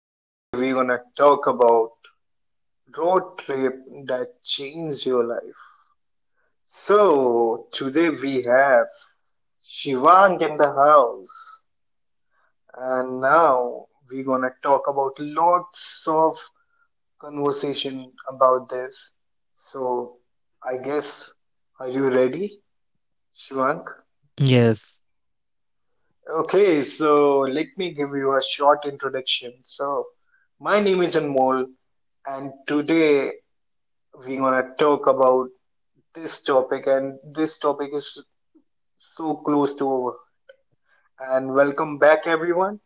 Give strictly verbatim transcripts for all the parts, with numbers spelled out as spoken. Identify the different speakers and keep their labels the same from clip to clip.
Speaker 1: Today we're gonna talk about road trip that changed your life. So today we have Shivank in the house, and now we're gonna talk about lots of conversation about this. So I guess are you ready, Shivank?
Speaker 2: yes.
Speaker 1: Okay, so let me give you a short introduction. So, my name is Anmol, and today we're gonna talk about this topic, and this topic is so close to over. And welcome back, everyone.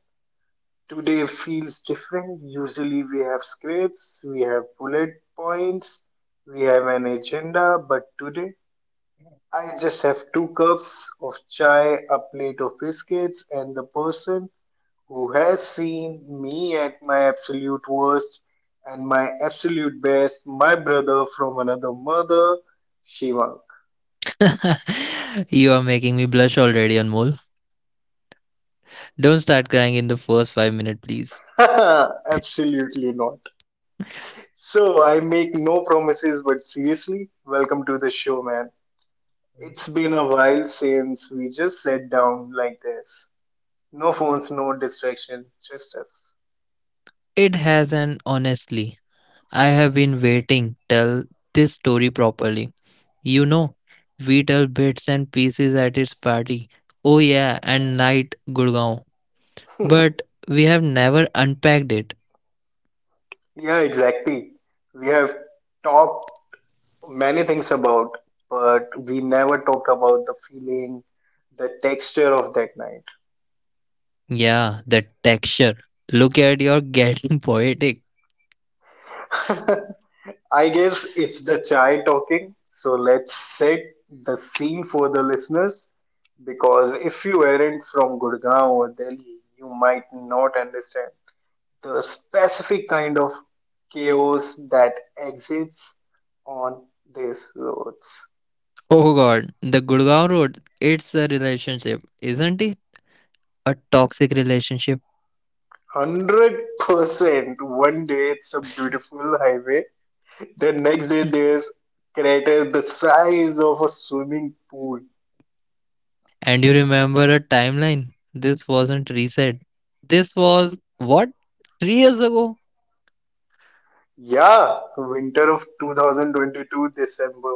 Speaker 1: Today feels different. Usually, we have scripts, we have bullet points, we have an agenda, but today I just have two cups of chai, a plate of biscuits, and the person who has seen me at my absolute worst and my absolute best, my brother from another mother, Shivang.
Speaker 2: you are making me blush already, Anmol. Don't start crying in the first five minutes, please.
Speaker 1: Absolutely not. So I make no promises, but seriously, welcome to the show, man. It's been a while since we just sat down like this. No phones, no distraction, just us.
Speaker 2: It has an honestly. I have been waiting tell this story properly. You know, we tell bits and pieces at its party. Oh yeah, and night Gurgaon. But we have never unpacked it.
Speaker 1: Yeah, exactly. We have talked many things about, but we never talked about the feeling, the texture of that
Speaker 2: Yeah, the texture. Look at your getting poetic.
Speaker 1: night. I guess it's the chai talking. So let's set the scene for the listeners because if you aren't from Gurgaon or Delhi, you might not understand the specific kind of chaos that exists on these roads.
Speaker 2: Oh god, the Gurgaon road, it's a relationship, isn't it? A toxic relationship.
Speaker 1: one hundred percent. One day it's a beautiful highway. The next day,
Speaker 2: Hmm.
Speaker 1: there's crater the size of a swimming pool.
Speaker 2: And you remember a timeline? This wasn't reset. This was what? Three years ago?
Speaker 1: Yeah, winter of two thousand twenty-two December.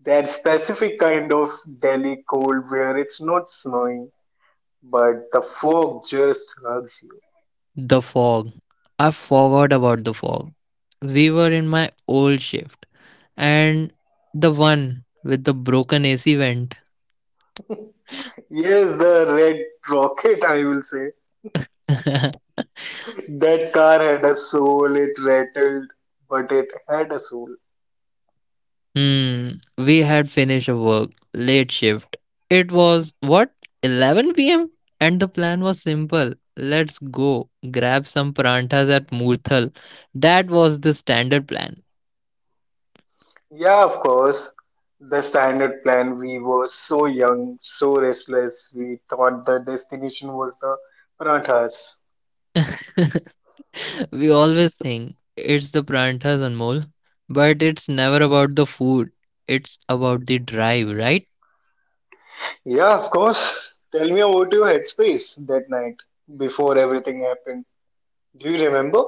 Speaker 1: That specific kind of Delhi cold where it's not snowing, but the fog just hugs you.
Speaker 2: The fog. I forgot about the fog. We were in my old shift. And the one with the broken A C vent.
Speaker 1: Yes, the red rocket, I will say. That car had a soul, it rattled, but it had a soul.
Speaker 2: Hmm. We had finished a work late shift. It was what, eleven p m and the plan was simple. Let's go grab some paranthas at Murthal. That was the standard plan.
Speaker 1: Yeah, of course. The standard plan, we were so young, so restless, we thought the destination was the Parathas.
Speaker 2: we always think it's the paranthas and mole, but it's never about the food. It's about the drive, right?
Speaker 1: Yeah, of course. Tell me about your headspace that night before everything happened. Do you remember?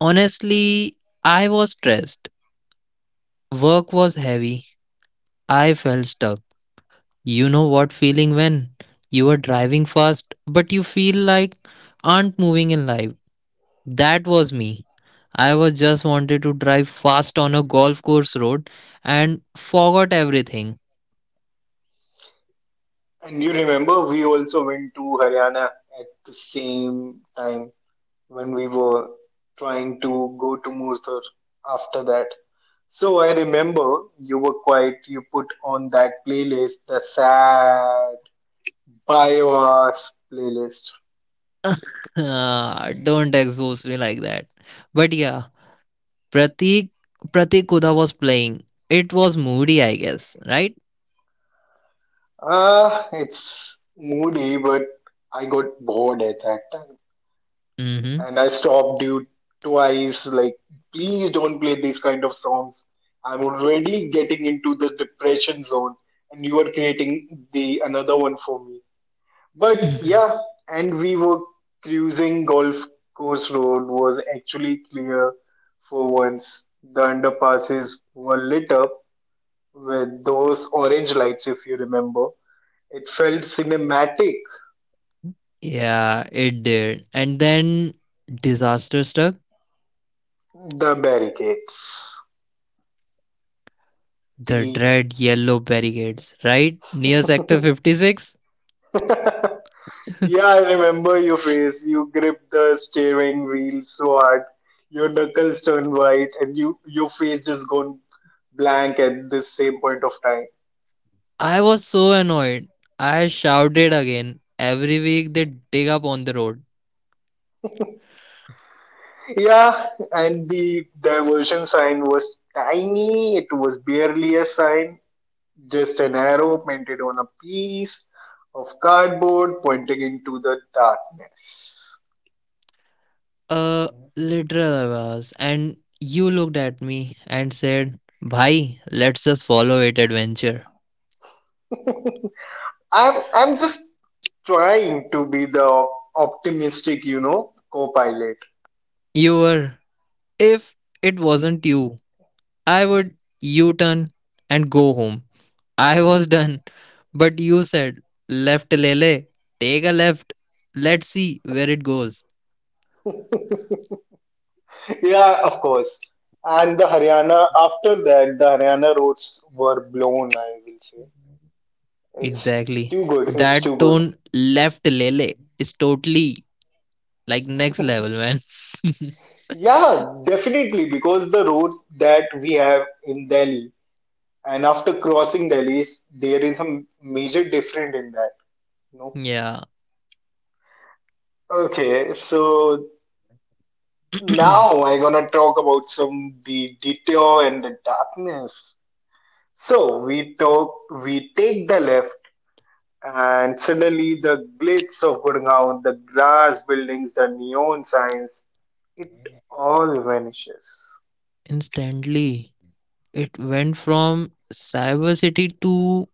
Speaker 2: Honestly, I was stressed. Work was heavy. I felt stuck. You know what feeling when you are driving fast but you feel like aren't moving in life. That was me. I was just wanted to drive fast on a golf course road and forgot everything.
Speaker 1: And you remember we also went to Haryana at the same time when we were trying to go to Murthur after that. So I remember you were quiet, you put on that playlist, the sad Five hours playlist.
Speaker 2: Ah, don't expose me like that. But yeah, Pratik Pratik Kuda was playing. It was moody, I guess, right?
Speaker 1: Ah, it's moody, but I got bored at that time.
Speaker 2: Mm-hmm.
Speaker 1: And I stopped you twice, like, please don't play these kind of songs. I'm already getting into the depression zone, and you are creating the another one for me. But yeah, and we were cruising golf course road was actually clear for once. The underpasses were lit up with those orange lights, if you remember. It felt cinematic.
Speaker 2: yeah, it did. And then disaster struck
Speaker 1: The barricades.
Speaker 2: the
Speaker 1: The
Speaker 2: dread yellow barricades, right? Near Sector fifty-six.
Speaker 1: yeah, I remember your face. You gripped the steering wheel so hard. Your knuckles turned white, and you your face just gone blank at this same point of time.
Speaker 2: I was so annoyed. I shouted again. Every week they dig up on the road.
Speaker 1: Yeah, and the diversion sign was tiny. It was barely a sign. Just an arrow painted on a piece of cardboard pointing into the darkness.
Speaker 2: Uh, literal I was. And you looked at me and said, Bhai, let's just follow it adventure.
Speaker 1: I'm I'm just trying to be the optimistic, you know, co-pilot.
Speaker 2: You were. If it wasn't you, I would U turn and go home. I was done. But you said, left Lele, take a left. Let's see where it goes.
Speaker 1: Yeah, of course. And the Haryana after that, the Haryana roads were blown. I will say it's
Speaker 2: Exactly.
Speaker 1: too good. It's too
Speaker 2: That
Speaker 1: good.
Speaker 2: tone, left Lele, is totally like next level, man.
Speaker 1: Yeah, definitely because the roads that we have in Delhi. And after crossing Delhi's, there is a major difference in that. No.
Speaker 2: yeah,
Speaker 1: Okay, so now I'm gonna talk about some the detour and the darkness. So we talk, we take the left, and suddenly the glitz of Gurgaon, the glass buildings, the neon signs, it all vanishes.
Speaker 2: instantly. It went from Cyber City to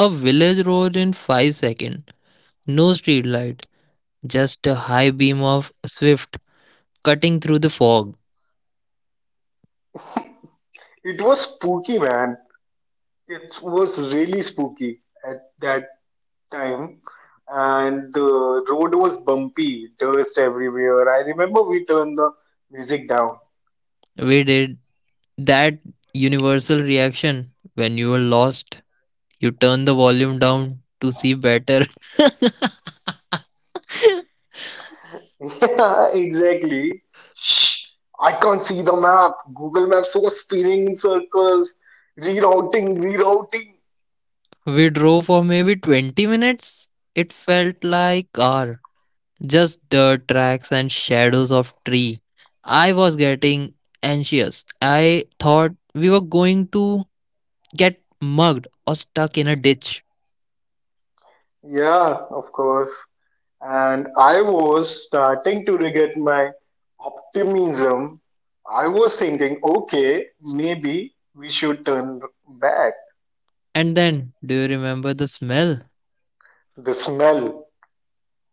Speaker 2: a village road in five seconds. No street light, just a high beam of Swift cutting through the fog.
Speaker 1: It was spooky, man. It was really spooky at that time and the road was bumpy, dust everywhere. I remember we turned the music down.
Speaker 2: We did that universal reaction when you were lost. You turned the volume down to see better.
Speaker 1: Yeah, exactly. Shh, I can't see the map. Google Maps was spinning in circles, rerouting, rerouting.
Speaker 2: we drove for maybe twenty minutes. It felt like hour. Just dirt tracks and shadows of tree. I was getting anxious. I thought we were going to get mugged or stuck in a ditch.
Speaker 1: Yeah, of course. And I was starting to regret my optimism. I was thinking, okay, maybe we should turn back.
Speaker 2: And then, do you remember the smell?
Speaker 1: The smell.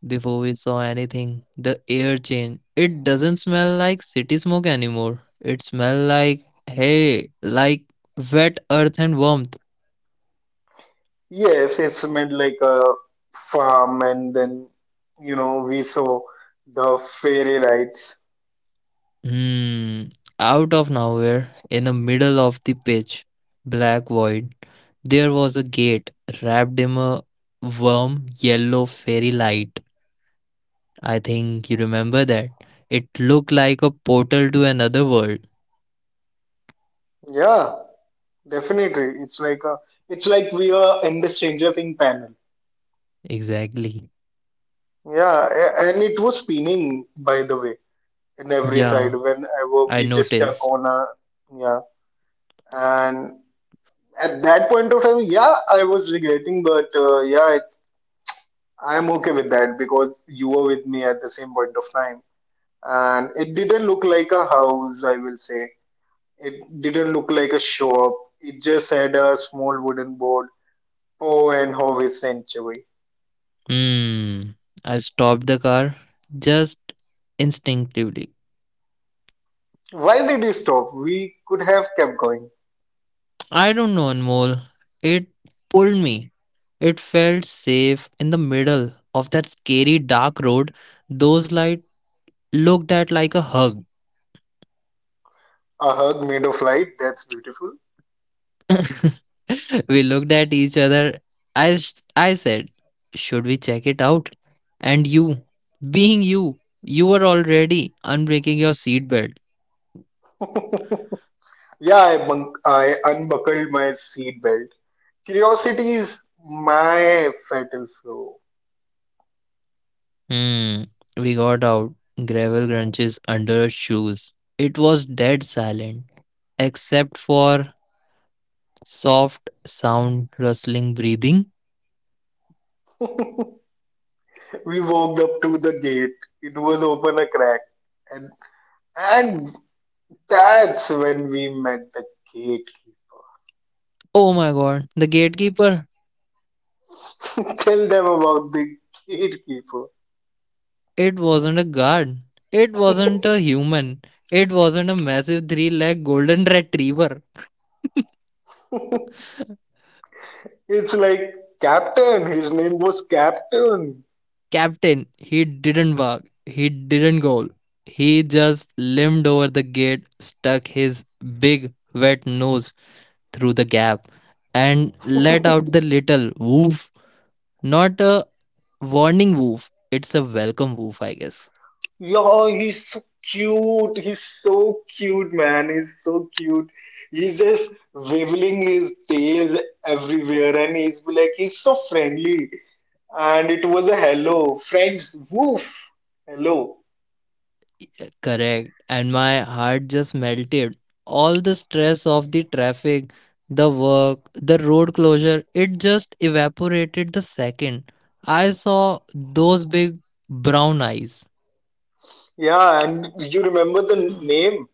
Speaker 2: Before we saw anything, the air changed. It doesn't smell like city smoke anymore. It smells like hay, like wet earth and warmth.
Speaker 1: Yes, it's made like a farm, and then you know we saw the fairy lights.
Speaker 2: Hmm. Out of nowhere, in the middle of the pitch, black void, there was a gate wrapped in a warm yellow fairy light. I think you remember that. It looked like a portal to another world.
Speaker 1: Yeah, definitely. It's like a, it's like we are in the Stranger Thing panel.
Speaker 2: Exactly.
Speaker 1: Yeah, a- and it was spinning by the way in every side
Speaker 2: Yeah,
Speaker 1: whenever
Speaker 2: I
Speaker 1: we just stuck
Speaker 2: noticed.
Speaker 1: on a yeah. And at that point of time, yeah, I was regretting, but uh, yeah, it, I'm okay with that because you were with me at the same point of time. And it didn't look like a house, I will say. It didn't look like a shop. It just had a small wooden board. Oh, and Hobbies Sanctuary.
Speaker 2: Hmm. I stopped the car just instinctively.
Speaker 1: Why did we stop? We could have kept going.
Speaker 2: I don't know, Anmol. It pulled me. It felt safe in the middle of that scary dark road. Those lights looked at like a hug.
Speaker 1: A hug made of light. That's beautiful.
Speaker 2: we looked at each other. I, s- I said, should we check it out? And you, being you, you were already unbreaking your seatbelt.
Speaker 1: Yeah, i, bunk- I unbuckled my seat belt. Curiosity is my fatal flaw.
Speaker 2: Hmm, we got out. Gravel crunches under shoes. It was dead silent, except for soft sound rustling breathing.
Speaker 1: We walked up to the gate. It was open a crack. And and that's when we met the gatekeeper.
Speaker 2: Oh my god, the gatekeeper.
Speaker 1: Tell them about the gatekeeper.
Speaker 2: It wasn't a guard. It wasn't a human. It wasn't a massive three leg golden retriever.
Speaker 1: It's like Captain. His name was Captain.
Speaker 2: Captain, he didn't bark. He didn't go. He just limped over the gate, stuck his big wet nose through the gap and let out the little woof. Not a warning woof, it's a welcome woof, I guess.
Speaker 1: Yeah, he's so cute. He's so cute, man. He's so cute. He's just waving his tails everywhere, and he's like, he's so friendly. And it was a hello, friends. Woof. Hello.
Speaker 2: Correct. And my heart just melted. All the stress of the traffic, the work, the road closure, it just evaporated the second I saw those big brown eyes.
Speaker 1: Yeah, and you remember the name?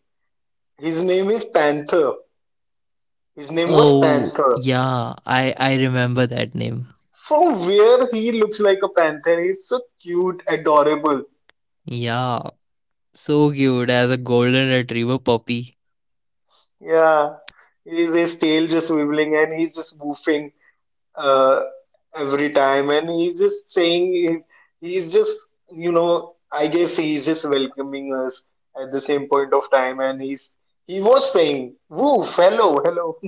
Speaker 1: His name is Panther. His name was
Speaker 2: Oh,
Speaker 1: Panther.
Speaker 2: yeah, I, I remember that name.
Speaker 1: From where he looks like a panther, he's so cute, adorable.
Speaker 2: Yeah, so cute as a golden retriever puppy.
Speaker 1: Yeah, he's his tail just wiggling and he's just woofing uh, every time, and he's just saying he's he's just you know I guess he's just welcoming us at the same point of time, and he's he was saying woof, hello, hello.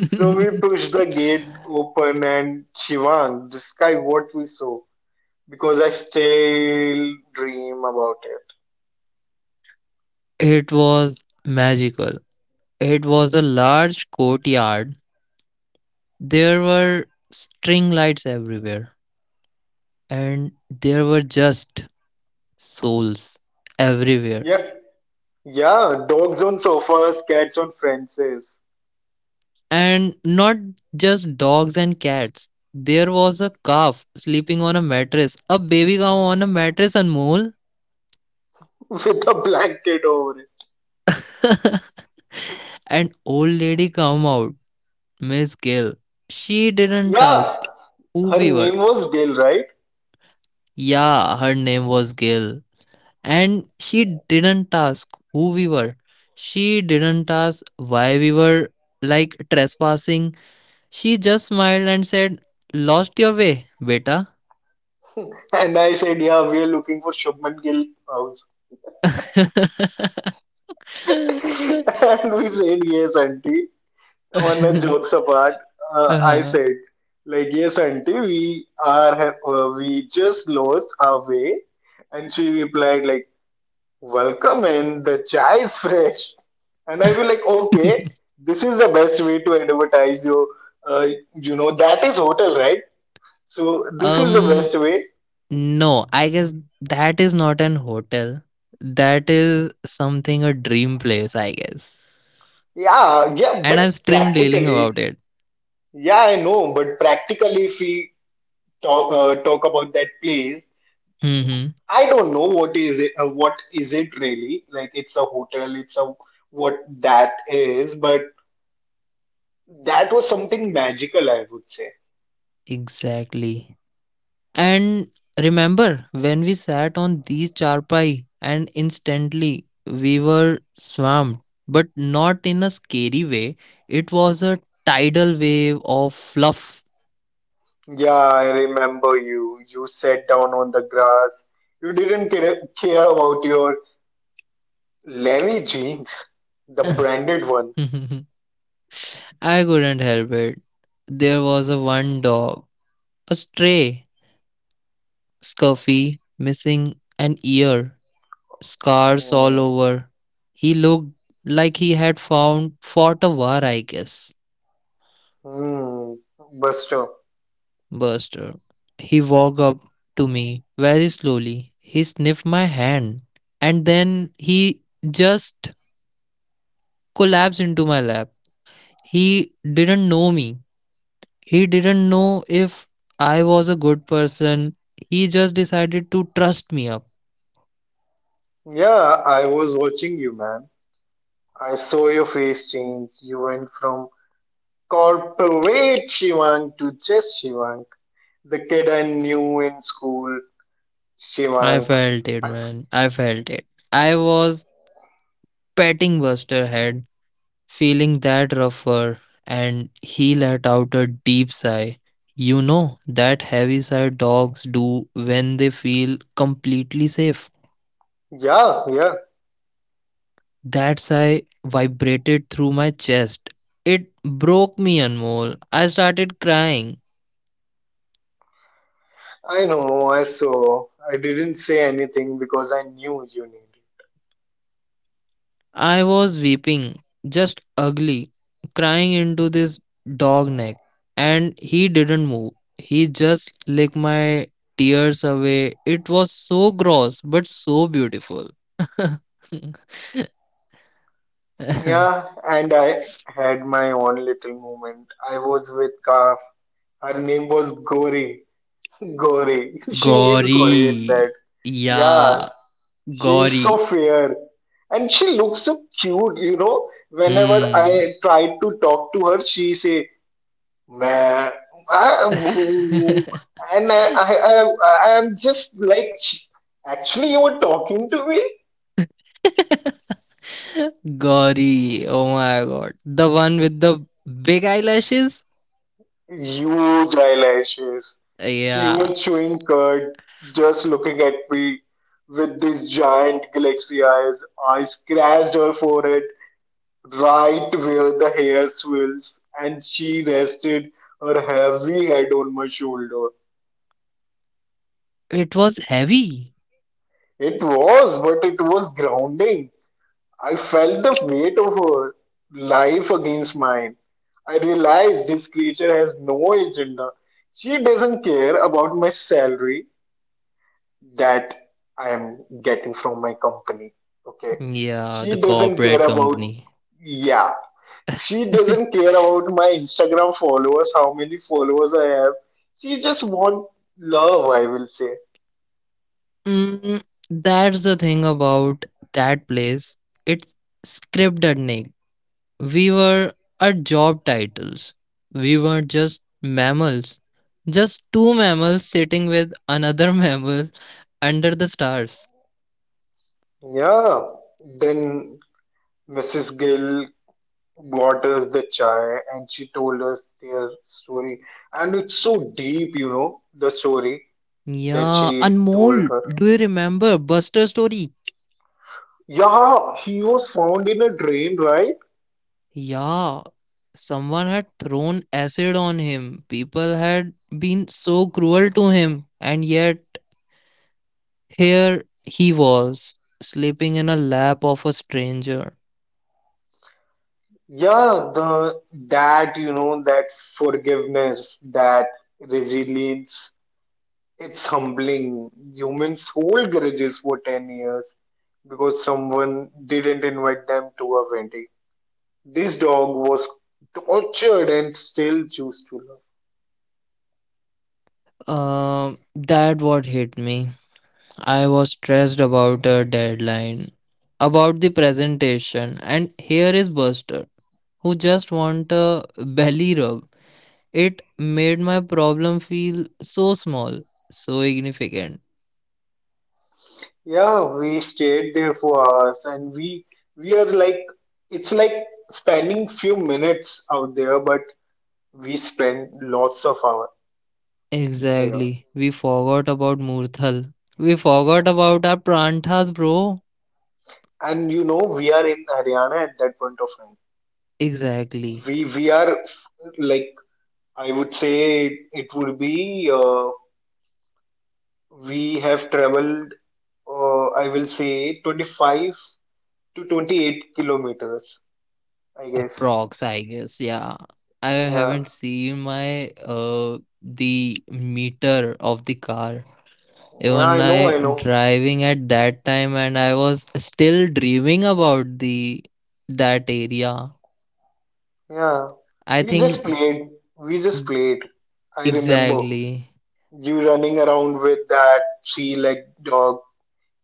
Speaker 1: So we pushed the gate open and Shivang, describe what we saw because I still dream about it.
Speaker 2: It was magical. It was a large courtyard. There were string lights everywhere, and there were just souls everywhere.
Speaker 1: Yeah, yeah, dogs on sofas, cats on fences,
Speaker 2: And not just dogs and cats. There was a calf sleeping on a mattress, a baby cow on a mattress, and mole.
Speaker 1: with a blanket over it.
Speaker 2: An old lady come out, Miss Gill. She didn't
Speaker 1: Yeah,
Speaker 2: ask who
Speaker 1: her
Speaker 2: we were.
Speaker 1: name was Gail, right?
Speaker 2: Yeah, her name was Gail. And she didn't ask who we were. She didn't ask why we were like trespassing. She just smiled and said, lost your way, beta.
Speaker 1: And I said, yeah, we are looking for Shubman Gill house. And we said, yes, auntie. On the jokes apart, uh, I
Speaker 2: uh
Speaker 1: said, like, yes, auntie, we are, ha- uh, we just lost our way. And she replied, like, welcome in, the chai is fresh. And I will like, okay, this is the best way to advertise your, uh, you know, that is hotel, right? So this is the
Speaker 2: um,
Speaker 1: best way.
Speaker 2: no, I guess that is not an hotel. That is something a dream place, I guess.
Speaker 1: Yeah, yeah, but
Speaker 2: And I'm stream dealing
Speaker 1: practically,
Speaker 2: about it.
Speaker 1: yeah, I know, but practically, if we talk uh, talk about that place,
Speaker 2: Mm-hmm.
Speaker 1: I don't know what is it, uh, what is it really? Like it's a hotel, it's a what that is, but that was something magical, I would say.
Speaker 2: Exactly. And remember when we sat on these charpai and instantly we were swamped, but not in a scary way. It was a tidal wave of fluff.
Speaker 1: Yeah, I remember you. You sat down on the grass. You didn't care, care about your Levi jeans, the branded one.
Speaker 2: I couldn't help it. There was a one dog, a stray, scuffy, missing an ear, scars all
Speaker 1: Hmm.
Speaker 2: over. He looked like he had found fought a war, I guess.
Speaker 1: Hmm. Buster.
Speaker 2: Buster. He walked up to me very slowly. He sniffed my hand and then he just collapsed into my lap. He didn't know me. He didn't know if I was a good person. He just decided to trust me up.
Speaker 1: Yeah, I was watching you, man. I saw your face change. You went from corporate Shivank to just Shivank, the kid I knew in school,
Speaker 2: I
Speaker 1: Shivank.
Speaker 2: felt it,
Speaker 1: I,
Speaker 2: man. I felt it. I was patting Buster's head feeling that rougher, and he let out a deep sigh. You know that heavy sigh dogs do when they feel completely safe.
Speaker 1: yeah, yeah.
Speaker 2: That sigh vibrated through my chest. It broke me, Anmol. I started crying.
Speaker 1: I know, I saw. I didn't say anything because I knew you needed.
Speaker 2: I was weeping, just ugly, crying into this dog neck. And he didn't move. He just licked my tears away. It was so gross, but so beautiful.
Speaker 1: Yeah, and I had my own little moment. I was with Kaf. Her name was Gori. Gori. She is Gori in
Speaker 2: Gory.
Speaker 1: that.
Speaker 2: Yeah,
Speaker 1: Yeah, she is so
Speaker 2: gory.
Speaker 1: fair. And she looks so cute, you know. Whenever I
Speaker 2: Hmm.
Speaker 1: tried to talk to her, she say, "Meh, ah, mm, mm." And I, I, I, I am just like, actually, you were talking to me?
Speaker 2: Gory. Oh my god. The one with the big eyelashes?
Speaker 1: Huge eyelashes. She
Speaker 2: Yeah.
Speaker 1: was chewing curd, just looking at me with these giant galaxy eyes. I scratched her forehead right where the hair swirls, and she rested her heavy head on my shoulder.
Speaker 2: It was heavy.
Speaker 1: It was, but it was grounding. I felt the weight of her life against mine. I realized this creature has no agenda. She doesn't care about my salary that I am getting from my company. Okay.
Speaker 2: Yeah, the
Speaker 1: She doesn't care
Speaker 2: corporate
Speaker 1: about,
Speaker 2: company.
Speaker 1: yeah, she doesn't care about my Instagram followers, how many followers I have. She just want love, I will say.
Speaker 2: Mm, that's the thing about that place. It's scripted, Nick. We were our job titles. We were just mammals. Just two mammals sitting with another mammal under the stars.
Speaker 1: Yeah. Then missus Gill brought us the chai and she told us their story. And it's so deep, you know, the story that
Speaker 2: Yeah,
Speaker 1: she told
Speaker 2: Anmol,
Speaker 1: her.
Speaker 2: do you remember Buster story?
Speaker 1: Yeah, he was found in a drain, right?
Speaker 2: Yeah, someone had thrown acid on him. People had been so cruel to him, and yet here he was, sleeping in a lap of a stranger.
Speaker 1: Yeah, the that you know that forgiveness, that resilience, it's humbling. Humans hold grudges for ten years because someone didn't invite them to a wedding. This dog was tortured and still choose to love.
Speaker 2: Um, that what hit me. I was stressed about a deadline, about the presentation, and here is Buster, who just want a belly rub. It made my problem feel so small, so significant.
Speaker 1: Yeah, we stayed there for hours and we we are like it's like spending few minutes out there, but we spend lots of hours there.
Speaker 2: Exactly. We forgot about Murthal. We forgot about our pranthas, bro.
Speaker 1: and you know we are in Haryana at that point of time.
Speaker 2: Exactly.
Speaker 1: We we are like I would say it would be uh, we have traveled uh, I will say twenty-five to twenty-eight kilometers I guess.
Speaker 2: Approx, I guess. Yeah. I
Speaker 1: Yeah.
Speaker 2: haven't seen my uh the meter of the car.
Speaker 1: Yeah,
Speaker 2: Even
Speaker 1: I know,
Speaker 2: I
Speaker 1: I know.
Speaker 2: driving at that time and I was still dreaming about the that area.
Speaker 1: Yeah.
Speaker 2: I
Speaker 1: We just
Speaker 2: think
Speaker 1: played. We just played. I remember
Speaker 2: exactly.
Speaker 1: you running around with that three-legged dog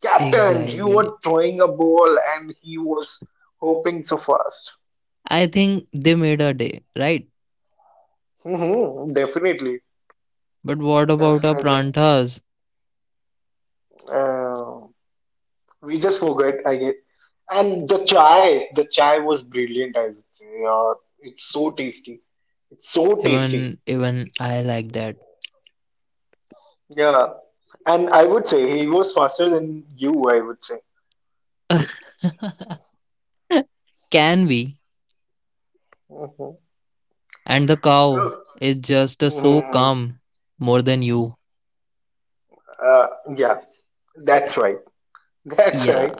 Speaker 1: Captain, you
Speaker 2: Exactly.
Speaker 1: were throwing a ball and he was hoping so fast.
Speaker 2: I think they made a day, right?
Speaker 1: Hmm. Definitely,
Speaker 2: But what about our
Speaker 1: definitely.
Speaker 2: pranthas?
Speaker 1: Uh, we just forget, I guess. And the chai, the chai was brilliant, I would say. Yeah, it's so tasty. It's so tasty.
Speaker 2: Even even I like that.
Speaker 1: Yeah. And I would say he was faster than you, I would say.
Speaker 2: Can be.
Speaker 1: Hmm.
Speaker 2: And the cow is just uh, so
Speaker 1: Hmm.
Speaker 2: calm more than you.
Speaker 1: Uh, yeah, that's right. That's
Speaker 2: Yeah.
Speaker 1: right.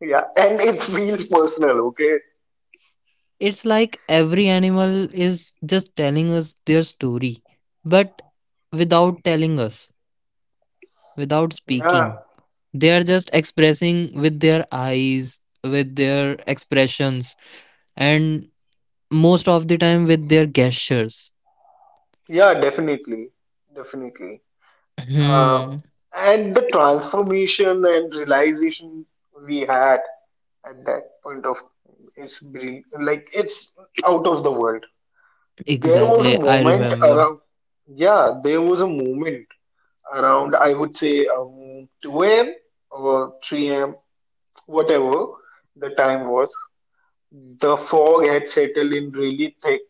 Speaker 1: Yeah, and it feels personal, okay?
Speaker 2: It's like every animal is just telling us their story, but without telling us, without
Speaker 1: Yeah,
Speaker 2: speaking. They are just expressing with their eyes, with their expressions, and most of the time with their gestures.
Speaker 1: yeah, definitely, definitely. Uh,
Speaker 2: Hmm.
Speaker 1: and the transformation and realization we had at that point of time is brill- like it's out of the world. There was a
Speaker 2: Exactly. I
Speaker 1: moment
Speaker 2: remember.
Speaker 1: around, yeah, there was a moment around, I would say, um, two a m or three a m, whatever the time was. The fog had settled in really thick.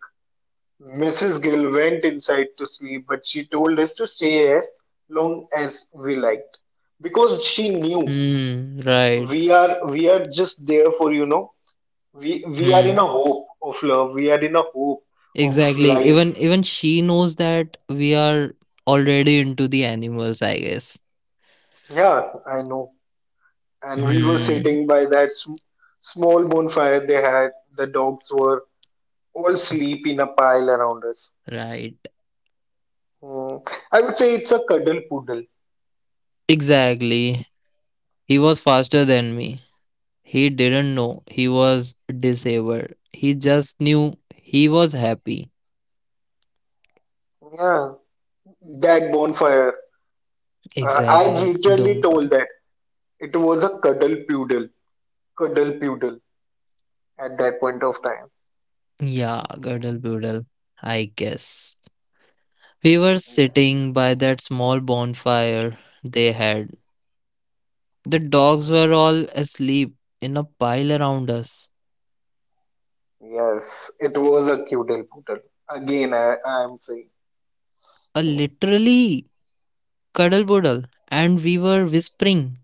Speaker 1: missus Gill went inside to sleep, but she told us to stay as long as we liked because she knew
Speaker 2: Hmm. Right.
Speaker 1: we are we are just there for you know we we are in
Speaker 2: Hmm.
Speaker 1: a hope of love, we are in a hope of
Speaker 2: Exactly.
Speaker 1: life.
Speaker 2: Even even she knows that we are already into the animals, I guess.
Speaker 1: Yeah, I know. And we were
Speaker 2: Hmm.
Speaker 1: sitting by that sm- small bonfire they had, the dogs were all asleep in a pile around us.
Speaker 2: Right.
Speaker 1: Hmm. I would say it's a cuddle poodle.
Speaker 2: Exactly. He was faster than me. He didn't know he was disabled. He just knew he was happy.
Speaker 1: Yeah, that bonfire. Uh, i
Speaker 2: Exactly.
Speaker 1: literally
Speaker 2: Don't
Speaker 1: told
Speaker 2: worry.
Speaker 1: that. It was a cuddle poodle, cuddle poodle, at that point of time.
Speaker 2: Yeah, girdle boodle. I guess. We were
Speaker 1: Yeah.
Speaker 2: sitting by that small bonfire they had. The dogs were all asleep in a pile around us.
Speaker 1: Yes, it was a cuddle poodle. Again, I, I am saying.
Speaker 2: A literally cuddle puddle, and we were whispering.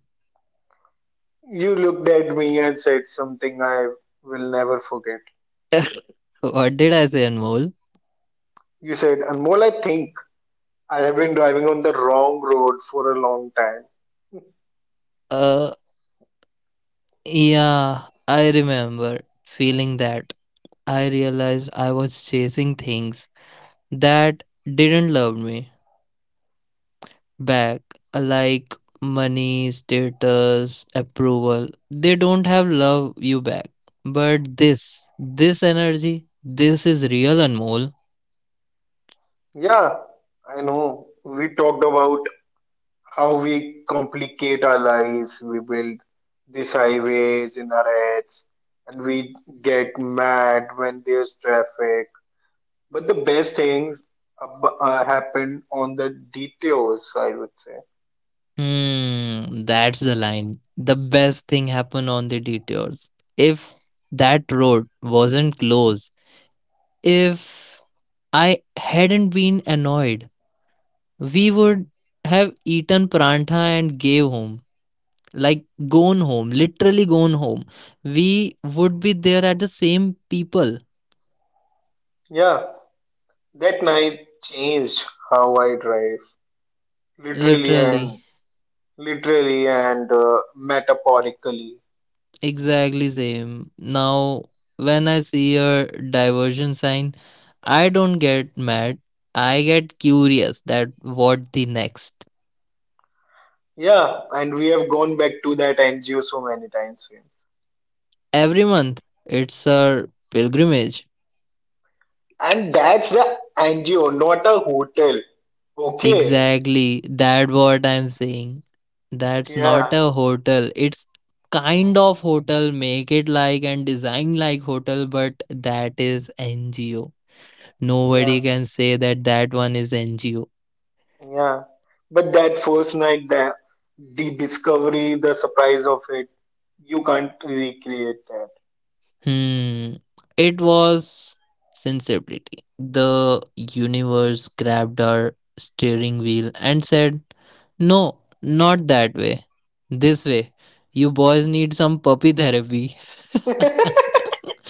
Speaker 1: You looked at me and said something I will never forget.
Speaker 2: what did I say, Anmol?
Speaker 1: You said, Anmol, I think I have been driving on the wrong road for a long time.
Speaker 2: Uh, yeah, I remember feeling that. I realized I was chasing things that didn't love me back, like money, status, approval. They don't have love you back. But this, this energy, this is real, Anmol.
Speaker 1: Yeah, I know. We talked about how we complicate our lives, we build these highways in our heads, and we get mad when there's traffic. But the best things ab- uh, happened on the detours, I would say.
Speaker 2: Hmm, that's the line. The best thing happened on the detours. If that road wasn't closed, if I hadn't been annoyed, we would have eaten prantha and gave home. Like gone home, literally gone home. We would be there at the same people,
Speaker 1: Yeah, that night changed how I drive, literally
Speaker 2: literally.
Speaker 1: and literally and uh, metaphorically.
Speaker 2: Exactly same. Now, when I see a diversion sign, I don't get mad. I get curious that what the next.
Speaker 1: Yeah, and we have gone back to that N G O so many times since.
Speaker 2: Every month, it's a pilgrimage.
Speaker 1: And that's the N G O, not a hotel. Okay.
Speaker 2: Exactly. That what I'm saying. That's not
Speaker 1: Yeah,
Speaker 2: a hotel. It's kind of hotel. Make it like and design like hotel, but that is N G O. Nobody
Speaker 1: yeah.
Speaker 2: can say that that one is N G O.
Speaker 1: Yeah, but that first night, the the discovery, the surprise of it, you can't recreate
Speaker 2: Hmm. It was sensibility. The universe grabbed our steering wheel and said, no, not that way. This way. You boys need some puppy therapy.
Speaker 1: that.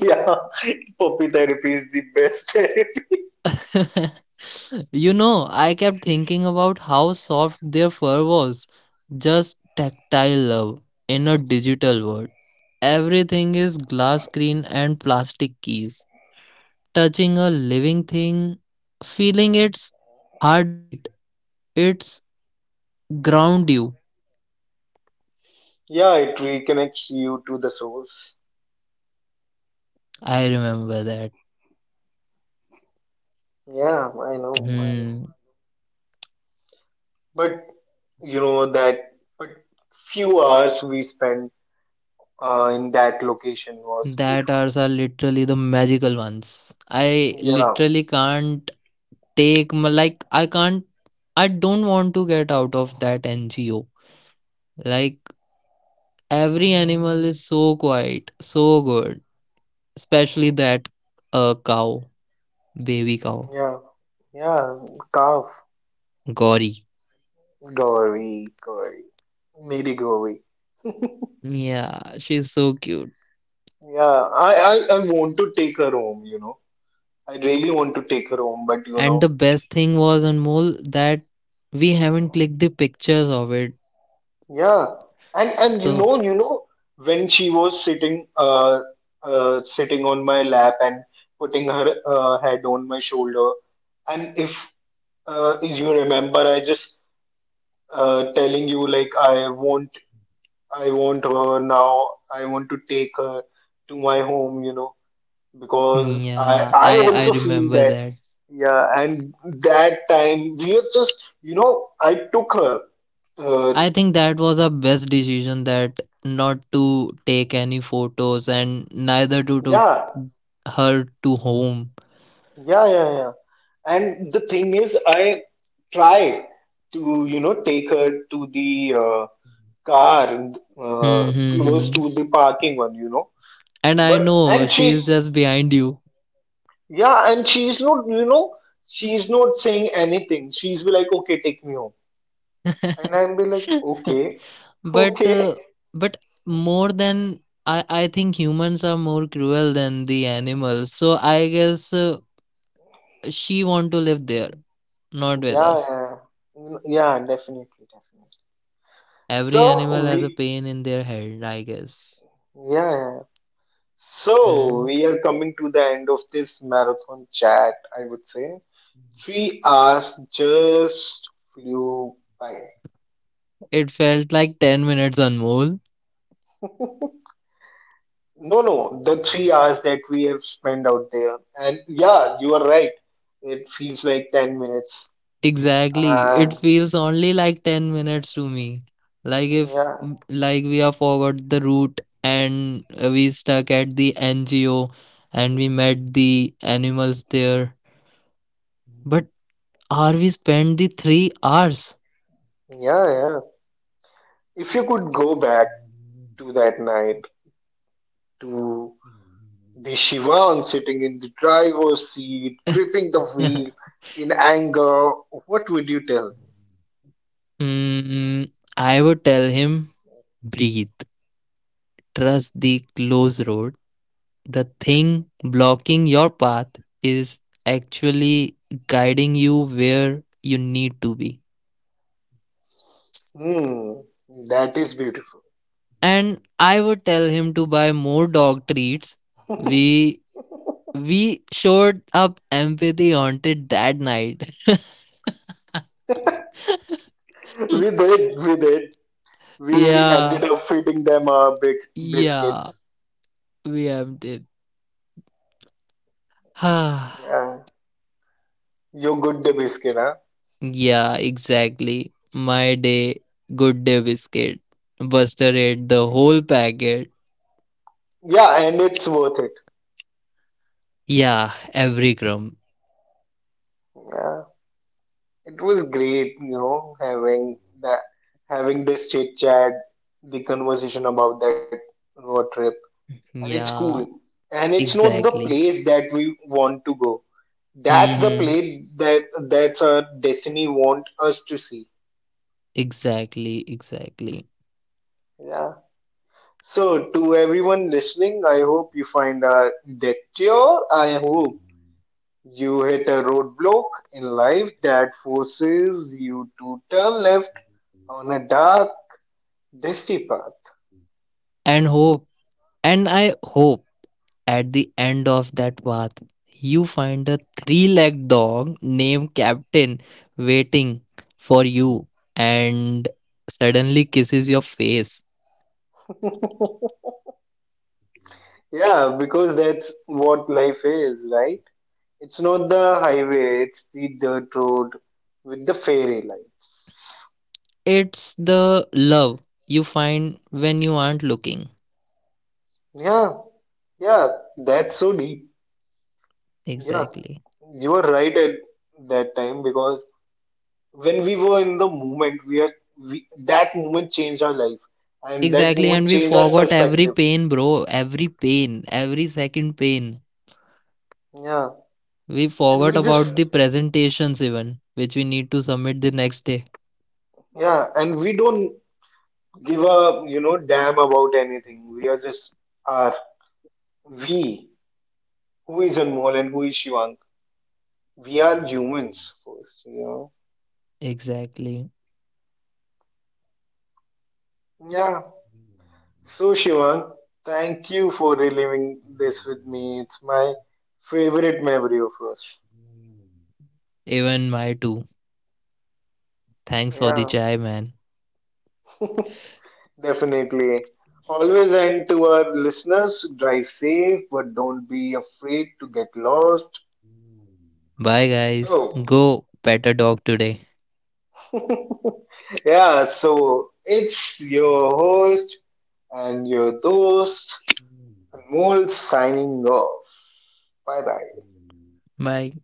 Speaker 1: Yeah, poppy therapy is the best therapy.
Speaker 2: you know, I kept thinking about how soft their fur was. Just tactile love in a digital world. Everything is glass screen and plastic keys. Touching a living thing, feeling its heartbeat, it's ground you.
Speaker 1: Yeah, it reconnects you to the source.
Speaker 2: I remember that.
Speaker 1: Yeah, I know, I know.
Speaker 2: Hmm.
Speaker 1: But you know that, but few hours we spent uh, in that location was
Speaker 2: That
Speaker 1: beautiful.
Speaker 2: hours are literally the magical ones. I
Speaker 1: Yeah,
Speaker 2: literally can't take my, like I can't I don't want to get out of that N G O. Like every animal is so quiet, so good, especially that uh cow, baby cow,
Speaker 1: yeah, yeah. Calf,
Speaker 2: Gauri.
Speaker 1: Gauri, Gauri, Mary Gauri.
Speaker 2: Yeah, she's so cute.
Speaker 1: Yeah, I, I, I want to take her home, you know. I really want to take her home, but you
Speaker 2: And
Speaker 1: know,
Speaker 2: the best thing was, Anmol, that we haven't clicked the pictures of it.
Speaker 1: yeah. And and you
Speaker 2: So
Speaker 1: know, you know, when she was sitting uh uh sitting on my lap and putting her uh, head on my shoulder, and if uh you remember, I just uh telling you like I want I want her now. I want to take her to my home, you know. Because I
Speaker 2: yeah,
Speaker 1: I
Speaker 2: I I
Speaker 1: also feel
Speaker 2: remember
Speaker 1: that.
Speaker 2: that.
Speaker 1: Yeah, and that time we have just, you know, I took her, uh,
Speaker 2: I think that was our best decision that not to take any photos and neither to took
Speaker 1: yeah,
Speaker 2: her to home.
Speaker 1: yeah, yeah, yeah. And the thing is I try to, you know, take her to the uh, car, uh,
Speaker 2: Hmm, hmm,
Speaker 1: close
Speaker 2: hmm.
Speaker 1: to the parking one, you know.
Speaker 2: And I
Speaker 1: But
Speaker 2: know
Speaker 1: and
Speaker 2: she
Speaker 1: she,
Speaker 2: is just behind you.
Speaker 1: yeah, and she's not, you know, she's not saying anything, she's be like okay take me home and I'm be like okay.
Speaker 2: But uh,
Speaker 1: Okay.
Speaker 2: but more than I I think humans are more cruel than the animals. So I guess. Uh, she want to live there, not with
Speaker 1: Yeah,
Speaker 2: us.
Speaker 1: yeah. Mm, yeah, definitely, definitely.
Speaker 2: Every
Speaker 1: So
Speaker 2: animal has a
Speaker 1: we,
Speaker 2: pain in their head, I guess.
Speaker 1: yeah, yeah. So
Speaker 2: Mm.
Speaker 1: we are coming to the end of this marathon chat, I would say. Three hours just flew by.
Speaker 2: It felt like ten minutes, Anmol.
Speaker 1: No, no, the three hours that we have spent out there. And yeah, you are right. It feels like ten minutes.
Speaker 2: Exactly. It
Speaker 1: And
Speaker 2: feels only like ten minutes to me. Like if
Speaker 1: yeah,
Speaker 2: like we have forgot the route and we stuck at the N G O and we met the animals there. But are we spent the three hours?
Speaker 1: yeah, yeah. If you could go back to that night to The Shivan sitting in the driver's seat, gripping the wheel in anger. What would you tell?
Speaker 2: Hmm, I would tell him breathe. Trust the closed road. The thing blocking your path is actually guiding you where you need to be.
Speaker 1: Hmm, that is beautiful.
Speaker 2: And I would tell him to buy more dog treats. We we showed up empathy haunted that night.
Speaker 1: We did, we did. We ended
Speaker 2: yeah,
Speaker 1: up feeding them uh, big
Speaker 2: yeah,
Speaker 1: biscuits.
Speaker 2: we emptied.
Speaker 1: Yeah, you good the biscuit, huh?
Speaker 2: yeah, exactly. My day, good day biscuit. Buster ate the whole packet.
Speaker 1: Yeah, and it's worth it.
Speaker 2: Yeah, every crumb.
Speaker 1: Yeah, it was great, you know, having that, having this chit chat, the conversation about that road trip. And it's cool
Speaker 2: Yeah,
Speaker 1: and it's not the
Speaker 2: exactly.
Speaker 1: place that we want to go, that's the
Speaker 2: Mm-hmm.
Speaker 1: place that, that's our destiny want us to see.
Speaker 2: Exactly, exactly.
Speaker 1: Yeah, so to everyone listening, I hope you find uh, that, I hope you hit a roadblock in life that forces you to turn left on a dark dusty path.
Speaker 2: And hope, and I hope at the end of that path, you find a three legged dog named Captain waiting for you and suddenly kisses your face.
Speaker 1: Yeah, because that's what life is, right? It's not the highway, it's the dirt road with the fairy lights.
Speaker 2: It's the love you find when you aren't looking.
Speaker 1: Yeah, yeah, that's so deep. Yeah,
Speaker 2: Exactly.
Speaker 1: you were right at that time because when we were in the moment, we are we, that moment changed our life and that
Speaker 2: Exactly,
Speaker 1: moment
Speaker 2: and we
Speaker 1: changed our
Speaker 2: forgot every
Speaker 1: perspective.
Speaker 2: pain, bro. Every pain, every second pain.
Speaker 1: Yeah,
Speaker 2: We
Speaker 1: and
Speaker 2: forgot
Speaker 1: we just,
Speaker 2: about the presentations, even which we need to submit the next day.
Speaker 1: yeah, and we don't give a, you know, damn about anything. We are just are we. Who is Anmol and who is Shivang? We are humans first, you know.
Speaker 2: Exactly.
Speaker 1: Yeah. So Shivang, thank you for reliving this with me. It's my favorite memory of us.
Speaker 2: Even my too. Thanks for the
Speaker 1: Yeah.
Speaker 2: chai, man.
Speaker 1: Definitely. Always, and to our listeners, drive safe, but don't be afraid to get lost.
Speaker 2: Bye, guys.
Speaker 1: So,
Speaker 2: Go pet a dog today.
Speaker 1: yeah, so it's your host and your host, Anmol signing off. Bye bye.
Speaker 2: Bye.